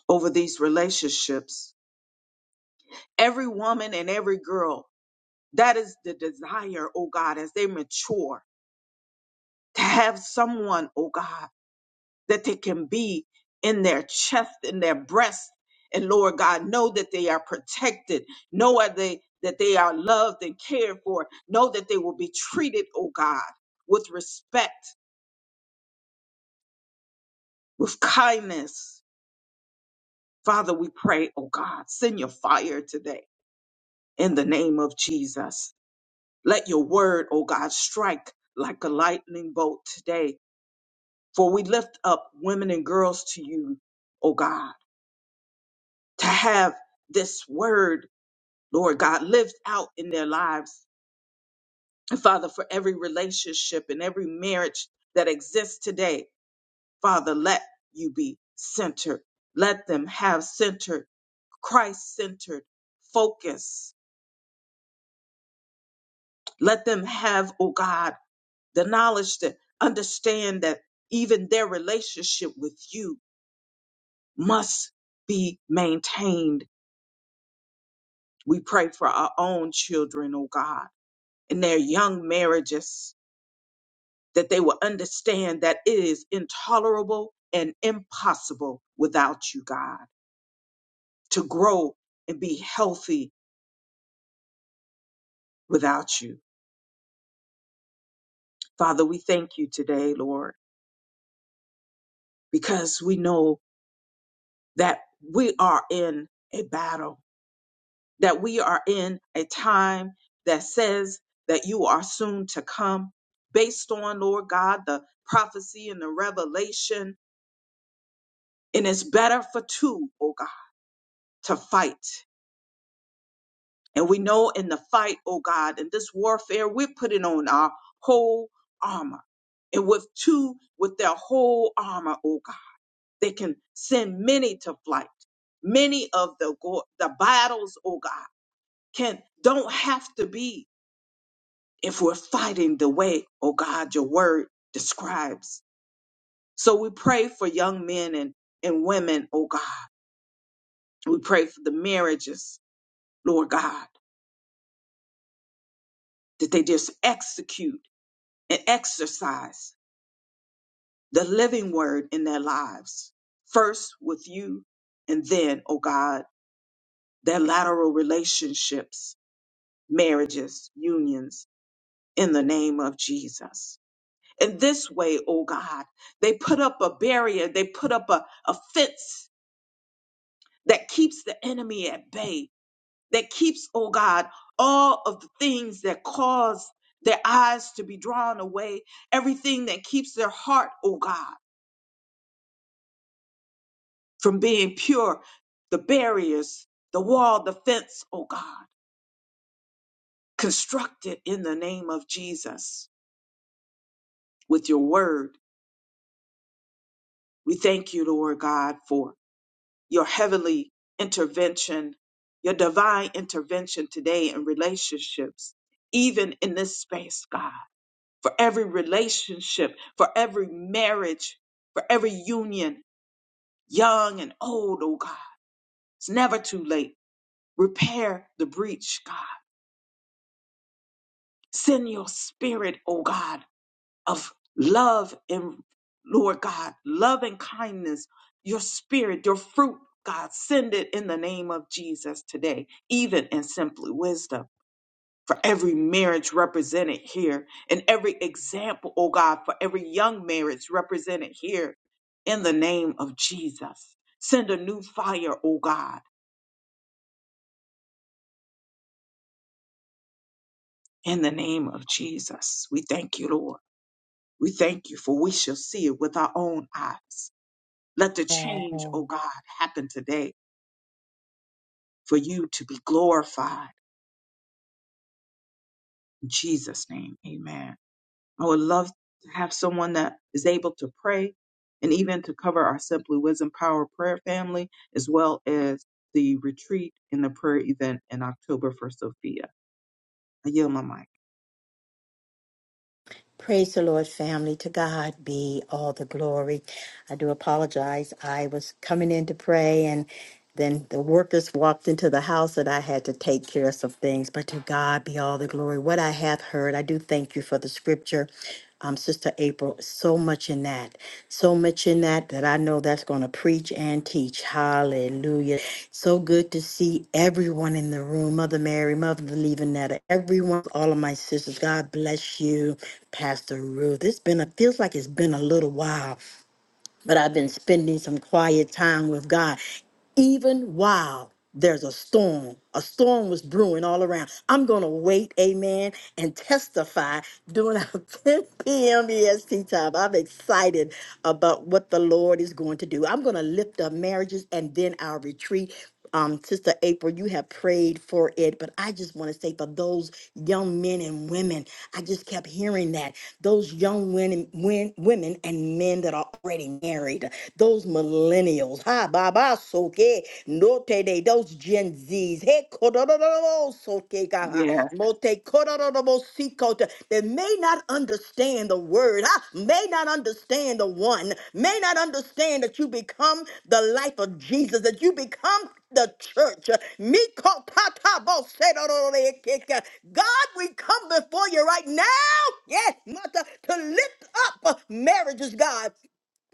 S1: over these relationships. Every woman and every girl, that is the desire, oh God, as they mature, to have someone, oh God that they can be in their chest, in their breast. And Lord God, know that they are protected. Know are they, that they are loved and cared for. Know that they will be treated, oh God, with respect, with kindness. Father, we pray, oh God, send your fire today in the name of Jesus. Let your word, oh God, strike like a lightning bolt today. For we lift up women and girls to you, oh God, to have this word Lord God, lived out in their lives. And Father, for every relationship and every marriage that exists today, Father, let you be centered. Let them have centered, Christ centered focus. Let them have, oh God, the knowledge to understand that even their relationship with you must be maintained. We pray for our own children, oh God, and their young marriages. that they will understand that it is intolerable and impossible without you, God, to grow and be healthy without you. Father, we thank you today, Lord, because we know that we are in a battle, that we are in a time that says that you are soon to come, based on, Lord God, the prophecy and the revelation. And it's better for two, oh God, to fight And we know in the fight, oh God, in this warfare, we're putting on our whole armor. And with two, with their whole armor, oh God, they can send many to flight. Many of the go- the battles, oh God, can don't have to be if we're fighting the way, oh God, your word describes. So we pray for young men and, and women, oh God. We pray for the marriages, Lord God, that they just execute and exercise the living word in their lives, first with you, and then, oh God, their lateral relationships, marriages, unions, in the name of Jesus. In this way, oh God, they put up a barrier, they put up a, a fence that keeps the enemy at bay, that keeps, oh God, all of the things that cause their eyes to be drawn away, everything that keeps their heart, oh God. from being pure, the barriers, the wall, the fence, oh God, constructed in the name of Jesus with your word. We thank you, Lord God, for your heavenly intervention, your divine intervention today in relationships, even in this space, God, for every relationship, for every marriage, for every union, young and old, oh God. It's never too late. Repair the breach, God Send your spirit, oh God, of love and Lord God, love and kindness, your spirit, your fruit, God, send it in the name of Jesus today, even in simply wisdom. For every marriage represented here, and every example, oh God, for every young marriage represented here, in the name of Jesus. Send a new fire, oh God, in the name of Jesus. We thank you, Lord. We thank you, for we shall see it with our own eyes. Let the change, oh
S3: God.
S1: God, happen today for you to be glorified. In Jesus' name, amen. I would love to have someone that is able to pray and even to cover our Simply Wisdom Power Prayer family, as well as the retreat and the prayer event in October for Sophia. I yield my mic.
S3: Praise the Lord, family. To God be all the glory. I do apologize. I was coming in to pray, and then the workers walked into the house that I had to take care of some things. But to God be all the glory. What I have heard, I do thank you for the scripture um, Sister April, so much in that, so much in that that I know that's going to preach and teach. Hallelujah. So good to see everyone in the room. Mother Mary, Mother Levinetta, everyone, all of my sisters. God bless you, Pastor Ruth. It's been, a feels like it's been a little while but I've been spending some quiet time with God even while there's a storm. A storm was brewing all around. I'm going to wait, amen, and testify during our (laughs) 10 p.m. EST time. I'm excited about what the Lord is going to do. I'm going to lift up marriages and then our retreat. Um, Sister April, you have prayed for it, but I just want to say for those young men and women, I just kept hearing that those young women, women, women and men that are already married those millennials, ha baba soke, note de those Gen Zs, he kororo soke gaha,
S1: Yes.
S3: mote kororo sikota, that may not understand the word, ha, may not understand the one, may not understand that you become the life of Jesus, that you become the church. Miko pata bo se do do do de ke ke. God, we come before you right now, yes, mother, to lift up marriages, God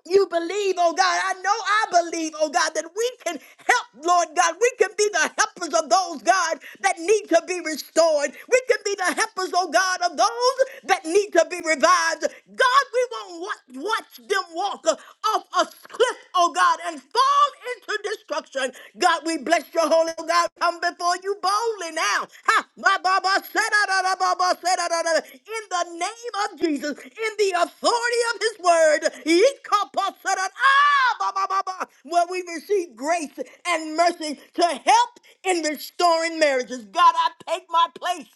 S3: you believe, oh God. I know I believe, oh God, that we can help, Lord God. We can be the helpers of those, God, that need to be restored. We can be the helpers, oh God, of those that need to be revived. God, we won't watch, watch them walk uh, off a cliff, oh God, and fall into destruction. God, God, we bless your holy oh God. Come before you boldly now. Ha, ba, ba, ba, sa, da, da, da, ba, ba, sa, da, da, da. In the name of Jesus, in the authority of his word, Yeet, ka, pa, sa, da, ah, ba, ba, ba, ba. where we receive grace and mercy to help in restoring marriages. God, I take my place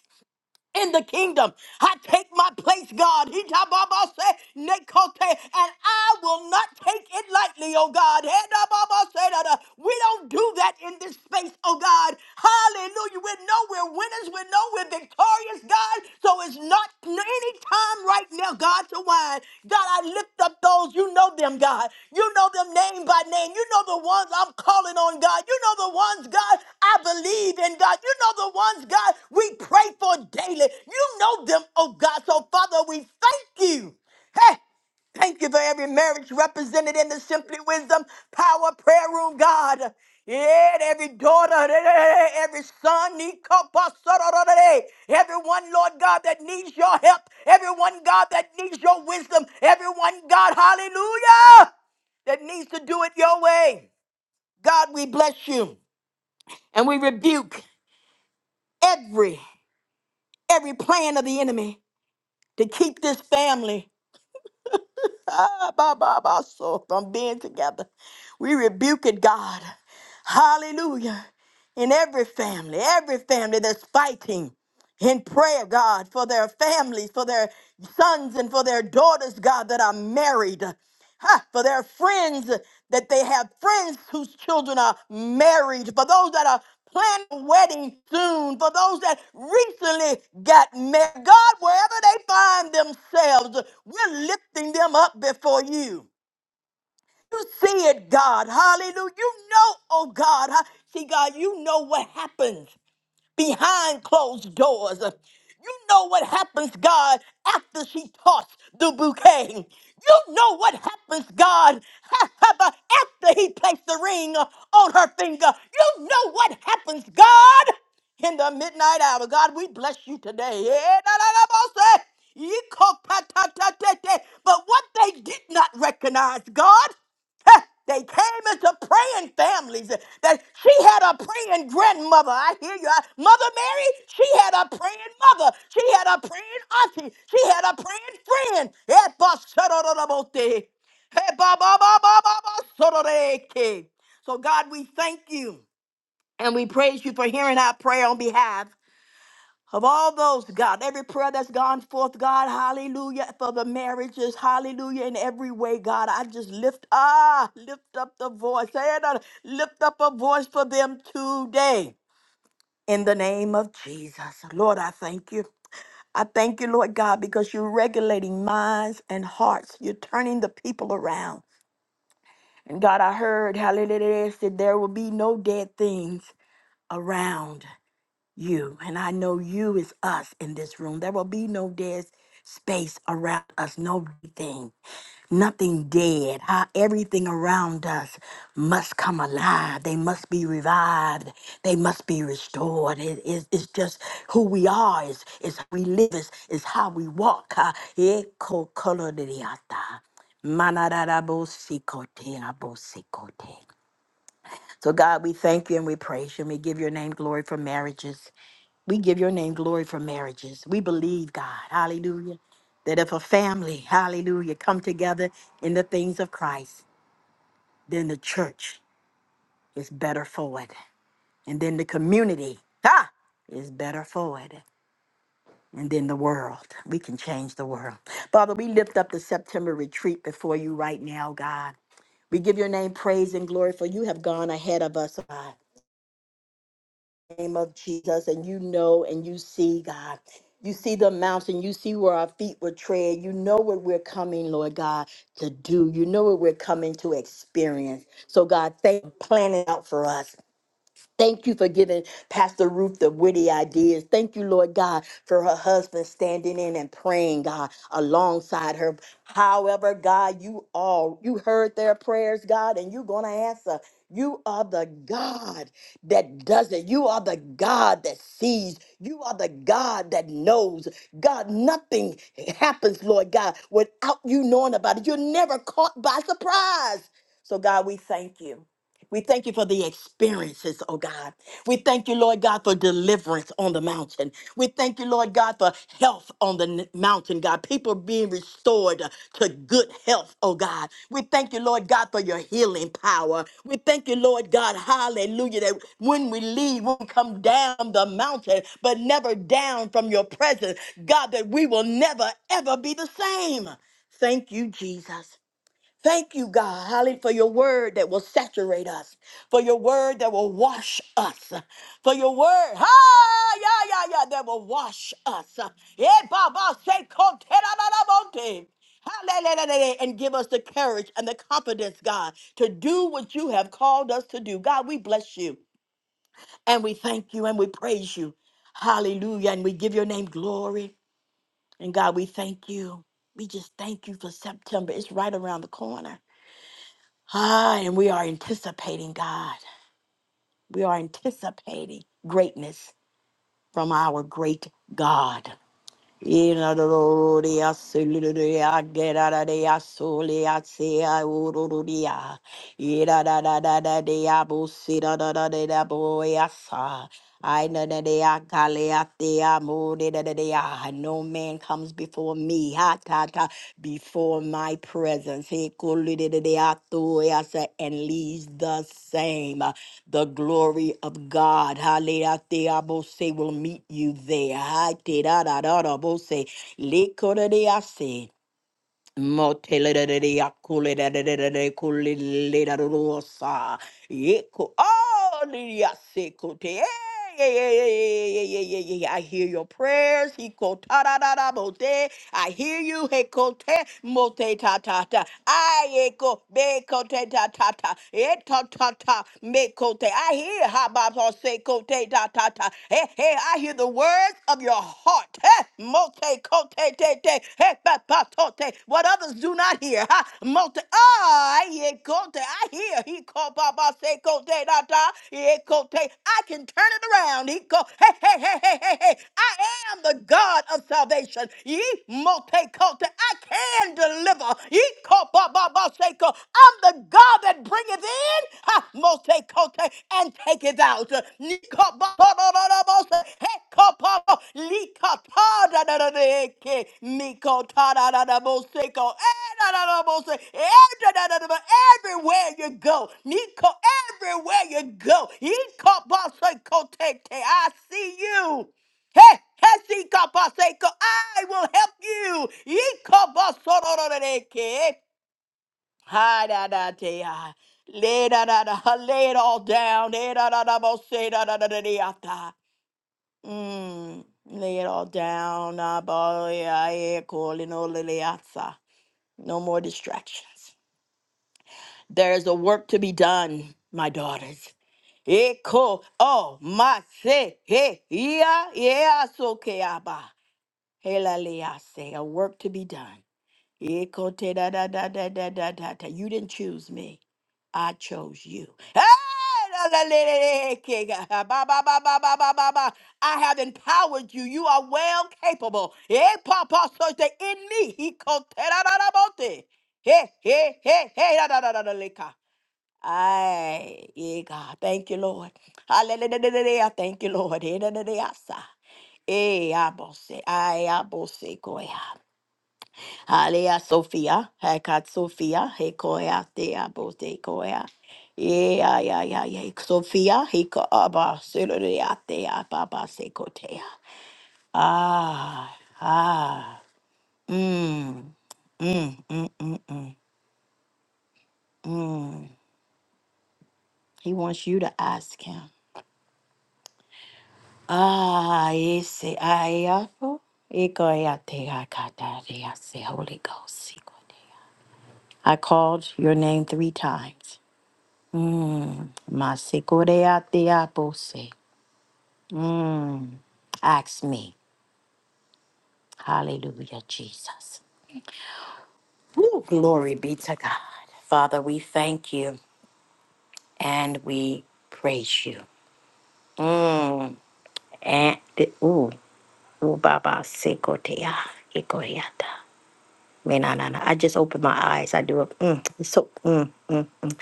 S3: in the kingdom. I take my place, God. He ta ba ba say, Nekote, and I will not take it lightly, oh God. He da ba ba say da da. We don't do that in this space, oh God. Hallelujah. We know we're winners. We know we're victorious, God. So it's not anytime time right now, God, to wine. God, I lift up those, you know them, God. You know them name by name. You know the ones I'm calling on, God. You know the ones, God, I believe in, God. You know the ones, God, we pray for daily. You know them, oh God. So, Father, we thank you. Hey, Thank you for every marriage represented in the Simply Wisdom Power Prayer Room, God. Yeah, every daughter, yeah, yeah, yeah, yeah, every son, Nikopasororore, everyone, Lord God, that needs your help, everyone, God, that needs your wisdom, everyone, God, hallelujah, that needs to do it your way. God, we bless you and we rebuke every, every plan of the enemy to keep this family Ah, bah, bah, bah, so from being together. We rebuke it, God. Hallelujah. In every family, every family that's fighting in prayer, God, for their families, for their sons and for their daughters, God, that are married, Ha, for their friends, that they have friends whose children are married, for those that are planning a wedding soon, for those that recently got married. God, wherever they find themselves, we're lifting them up before you. You see it, God. Hallelujah. You know, oh God. ha- See, God, you know what happens behind closed doors. You know what happens, God, after she tossed the bouquet. You know what happens, God, (laughs) after he placed the ring on her finger. You know what happens, God, in the midnight hour. God, we bless you today. (laughs) Yeah, da, da, da, boss, eh? Yee, ko, pa, ta, ta, te, te. But what they did not recognize, God. (laughs) Huh, They came into praying families. uh, That she had a praying grandmother. I hear you. I- Mother Mary, she had a praying mother. She had a praying auntie. She had a praying friend. Eh, ba, shada, da, da, bo, te. Eh, ba, ba, ba, ba, ba, ba, shada, da, ke. So, God, we thank you and we praise you for hearing our prayer on behalf of all those, God, every prayer that's gone forth, God, hallelujah, for the marriages, hallelujah, in every way, God, I just lift, ah, lift up the voice, and uh, lift up a voice for them today in the name of Jesus. Lord, I thank you. I thank you, Lord God, because you're regulating minds and hearts. You're turning the people around. And God, I heard, hallelujah, that there will be no dead things around you. And I know you is us in this room. There will be no dead space around us, no thing, nothing dead. How everything around us must come alive. They must be revived. They must be restored. It- it- it's just who we are. It's, it's how we live. It's, it's how we walk. Ah, eco coloridiata. Manarabosikote, abosikote. So, God, we thank you and we praise you and we give your name glory for marriages. We give your name glory for marriages. We believe, God, hallelujah, that if a family, hallelujah, come together in the things of Christ, then the church is better for it. And then the community, ha, is better for it. And then the world. We can change the world. Father, we lift up the September retreat before you right now, God. We give your name praise and glory, for you have gone ahead of us, God. name of Jesus, and you know and you see, God. You see the mountain, you see where our feet were tread. You know what we're coming, Lord God, to do. You know what we're coming to experience. So, God, thank you for planning out for us. Thank you for giving Pastor Ruth the witty ideas. Thank you, Lord God, for her husband standing in and praying, God, alongside her. However, God, you all you heard their prayers, God, and you're gonna answer. You are the God that does it. You are the God that sees. You are the God that knows. God, nothing happens, Lord God, without you knowing about it. You're never caught by surprise. So, God, we thank you. We thank you for the experiences, oh God. We thank you, Lord God, for deliverance on the mountain. We thank you, Lord God, for health on the n- mountain, God. People being restored to good health, oh God. We thank you, Lord God, for your healing power. We thank you, Lord God, hallelujah, that when we leave, we come down the mountain, but never down from your presence, God, that we will never, ever be the same. Thank you, Jesus. Thank you, God, hallelujah, for your word that will saturate us, for your word that will wash us, for your word, ha, yeah, yeah, yeah, that will wash us. Yeah, Baba, say, "Come, tell them about it." Hallelujah, and give us the courage and the confidence, God, to do what you have called us to do. God, we bless you and we thank you and we praise you. Hallelujah. And we give your name glory. And God, we thank you. We just thank you for September. It's right around the corner. Ah, and we are anticipating God. We are anticipating greatness from our great God. Inadoria suluria geradaria solia sea ururia. Ira da da da da dea busira da da da da boyasa. I know that they are Kaleatea Mode da da they are. No man comes before me, ha ta ta, before my presence. He kulidea tuasa and leaves the same. The glory of God, hallelujah, will meet you there. Ha, te, da, da, da, da, bo, se. Le, ko, da, de, ah, se. Moteleleleleakulelelelelekulilelerorosa. Yeku- Oh, liliasekute. Eh, yeah, yeah, yeah, yeah, yeah, yeah, yeah, yeah. yeah. I hear your prayers. Hikotarararabote. I hear you. Hekote mote ta ta ta. I echo bekote ta ta ta. Eta ta ta mekote. I hear hababose kote ta ta ta. Hey, hey, I hear the words of your heart. Hey, Hey, Mote, kote, te, te. Hey, ba, ba, tote. What others do not hear. Ha. Mote, I, ye, kote. I hear. He, ko, ba, ba, se, kote, da, da. Ye, kote. I can turn it around. He, ko, hey, hey, hey, hey, hey, hey. I am the God of salvation. Ye, mote, kote. I can deliver. Ye, ko, ba, ba, ba, se, ko. I'm the God. God that bringeth in, ha, mosekote, and taketh out. Nikobotorobose, hekopopo, likotadadadadeke, mikotadadadaboseko, edadadabose, edadadadaba, Everywhere you go, Niko, everywhere you go, ikobosekote, I see you. Hey, Hesikapaseko, I will help you. Ikobosorororeke. Hi da da da, ah. Lay da da da, lay it all down. Lay da da da, bo say da da da da da ah, da. Mm. Lay it all down. ah, bo, yeah, yeah, cool, you know, lily, ah, No more distractions. There's a work to be done, my daughters. Eko, oh, my, say, hey, yeah, yeah, so, okay, ah, bah. Hey, la, lay, ah, say, a work to be done. Ikote da da da da da da da da. You didn't choose me. I chose you. Hey, la la la la la, king. Ah, ba, ba, ba, ba, ba, ba, ba, ba. I have empowered you. You are well capable. Eh, papa, so the in me. Ikote da da da bote. Hey, hey, hey, hey, da da da da da leka. Ay, yeah, God. Thank you, Lord. Hallelujah. Thank you, Lord. Eh, da, da, da, yasa. Eh, abose. Ay, abose, koya. Alea Sophia, Hakat Sophia, Hekoya Thea Bote Koya. Yeah, yeah, yeah, yeah. yeah. Sophia, Hiko Abba, Suria Thea Baba Sekotea. Ah, ah. Mm, mm, mm, mm, mm, mm. He wants you to ask him. Ah, ese ayafo. Ikoya Thea Kataria, say Holy Ghost. Sekotea. I called your name three times. Mm. Masikoreateapose. Mm. Ask me. Hallelujah, Jesus. Woo, glory be to God. Father, we thank you and we praise you. Mm. And the, ooh, ooh, Baba Sikotea. Ikoreata. Man, nah, nah, nah. I just opened my eyes. I do it. Mm. It's so mm, mm, mm.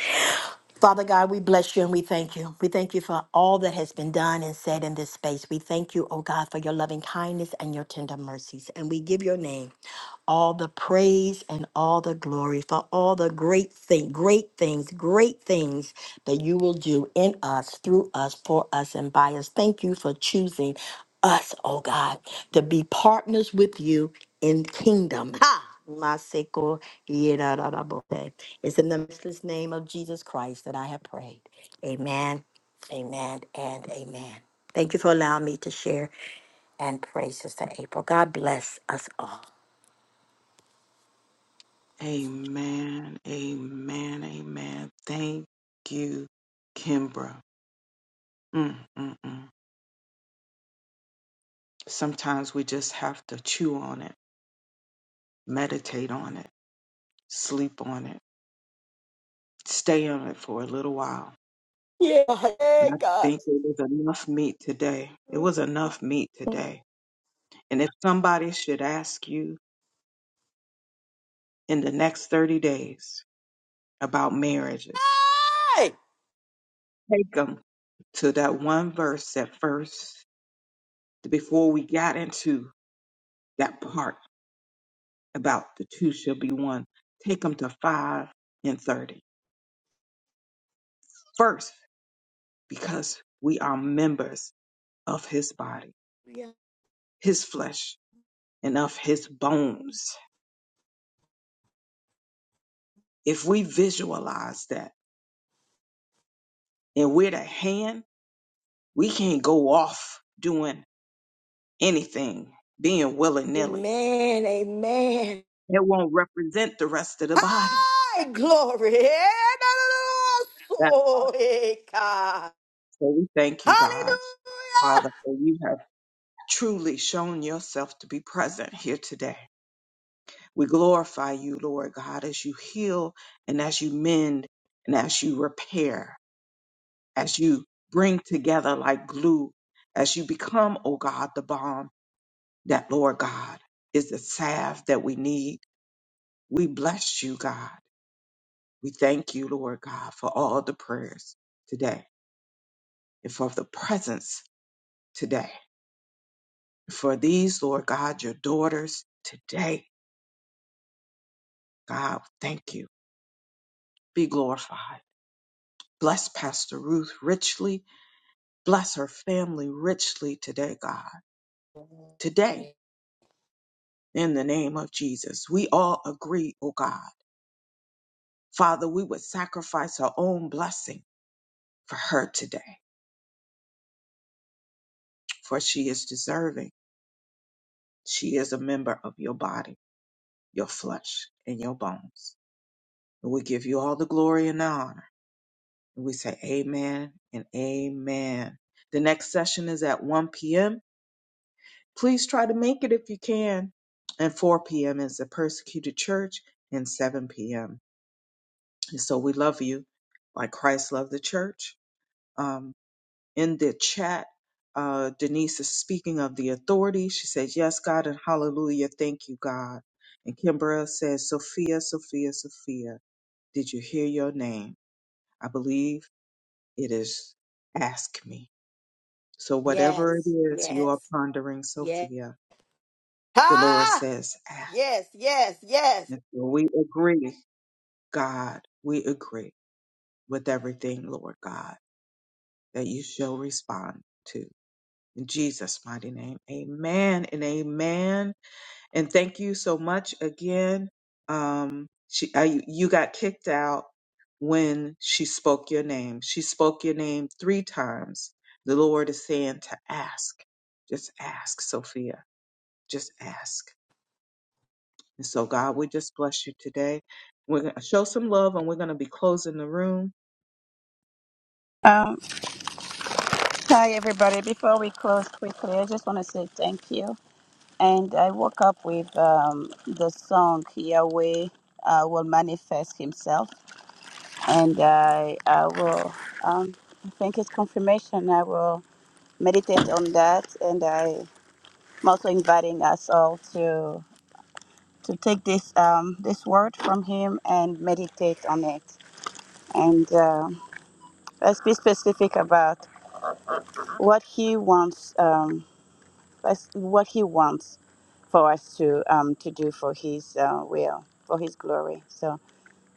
S3: Father God, we bless you and we thank you. We thank you for all that has been done and said in this space. We thank you, oh God, for your loving kindness and your tender mercies. And we give your name all the praise and all the glory for all the great thing, great things, great things that you will do in us, through us, for us, and by us. Thank you for choosing us, oh God, to be partners with you in kingdom. Ha! Maseko yedadadabote. It's in the matchless name of Jesus Christ that I have prayed. Amen, amen, and amen. Thank you for allowing me to share and pray, Sister April. God bless us all.
S1: Amen. Amen. Amen. Thank you, Kimbra. Mm, mm, mm. Sometimes we just have to chew on it, meditate on it. Sleep on it. Stay on it for a little while.
S3: Yeah, yeah,
S1: And I
S3: God.
S1: think it was enough meat today. It was enough meat today. And if somebody should ask you in the next 30 days about marriages,
S3: Hey!
S1: take them to that one verse at first, before we got into that part about the two shall be one, take them to 5 and 30 first, because we are members of his body, his flesh, and of his bones. If we visualize that and we're the hand, we can't go off doing anything, being willy nilly.
S3: Amen, amen.
S1: It won't represent the rest of the body.
S3: Hi, glory.
S1: That part.
S3: Hallelujah. Hey, God.
S1: So we thank you, God. Father,
S3: Hallelujah.
S1: for you have truly shown yourself to be present here today. We glorify you, Lord God, as you heal and as you mend and as you repair, as you bring together like glue, as you become, O God, the balm that, Lord God, is the salve that we need. We bless you, God. We thank you, Lord God, for all the prayers today and for the presence today. For these, Lord God, your daughters today, God, thank you. Be glorified. Bless Pastor Ruth richly. Bless her family richly today, God. Today, in the name of Jesus, we all agree, oh God. Father, we would sacrifice our own blessing for her today. for she is deserving. She is a member of your body, your flesh, and your bones. And we give you all the glory and the honor. And we say amen and amen. The next session is at 1 p.m. Please try to make it if you can. And 4 p.m. is the persecuted church, and 7 p.m. And so we love you like Christ loved the church. Um. in the chat. Uh, Denise is speaking of the authority. She says, Yes, God, and hallelujah. Thank you, God. And Kimbra says, Sophia, Sophia, Sophia, did you hear your name? I believe it is ask me. So, whatever it
S3: Yes,
S1: is you are
S3: yes,
S1: pondering,
S3: yes.
S1: Sophia, the Lord
S3: Ah,
S1: says, ask.
S3: yes, yes, yes.
S1: And so we agree, God, we agree with everything, Lord God, that you shall respond to. In Jesus' mighty name, amen and amen. and thank you so much again. Um, she, I, you got kicked out when she spoke your name. She spoke your name three times. The Lord is saying to ask, just ask, Sophia, just ask. And so, God, we just bless you today. We're gonna show some love, and we're gonna be closing the room.
S4: Um, hi everybody. Before we close quickly, I just want to say thank you. And I woke up with um, the song Yahweh uh, will manifest Himself, and I I will. Um, I think it's confirmation. I will meditate on that, and I am also inviting us all to. to take this um, this word from him and meditate on it. And um let's be specific about what he wants. Um, let's- what he wants for us to um, to do for his uh, will, for his glory. So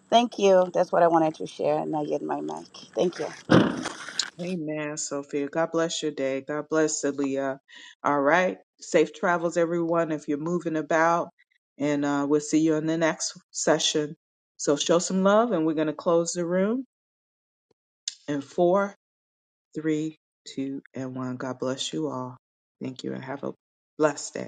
S4: thank you. That's what I wanted to share, and I get my mic. Thank you.
S1: Amen, Sophia. God bless your day. God bless Aaliyah. All right. Safe travels, everyone, if you're moving about. And uh, we'll see you in the next session. So show some love, and we're going to close the room in four, three, two, and one. God bless you all. Thank you, and have a blessed day.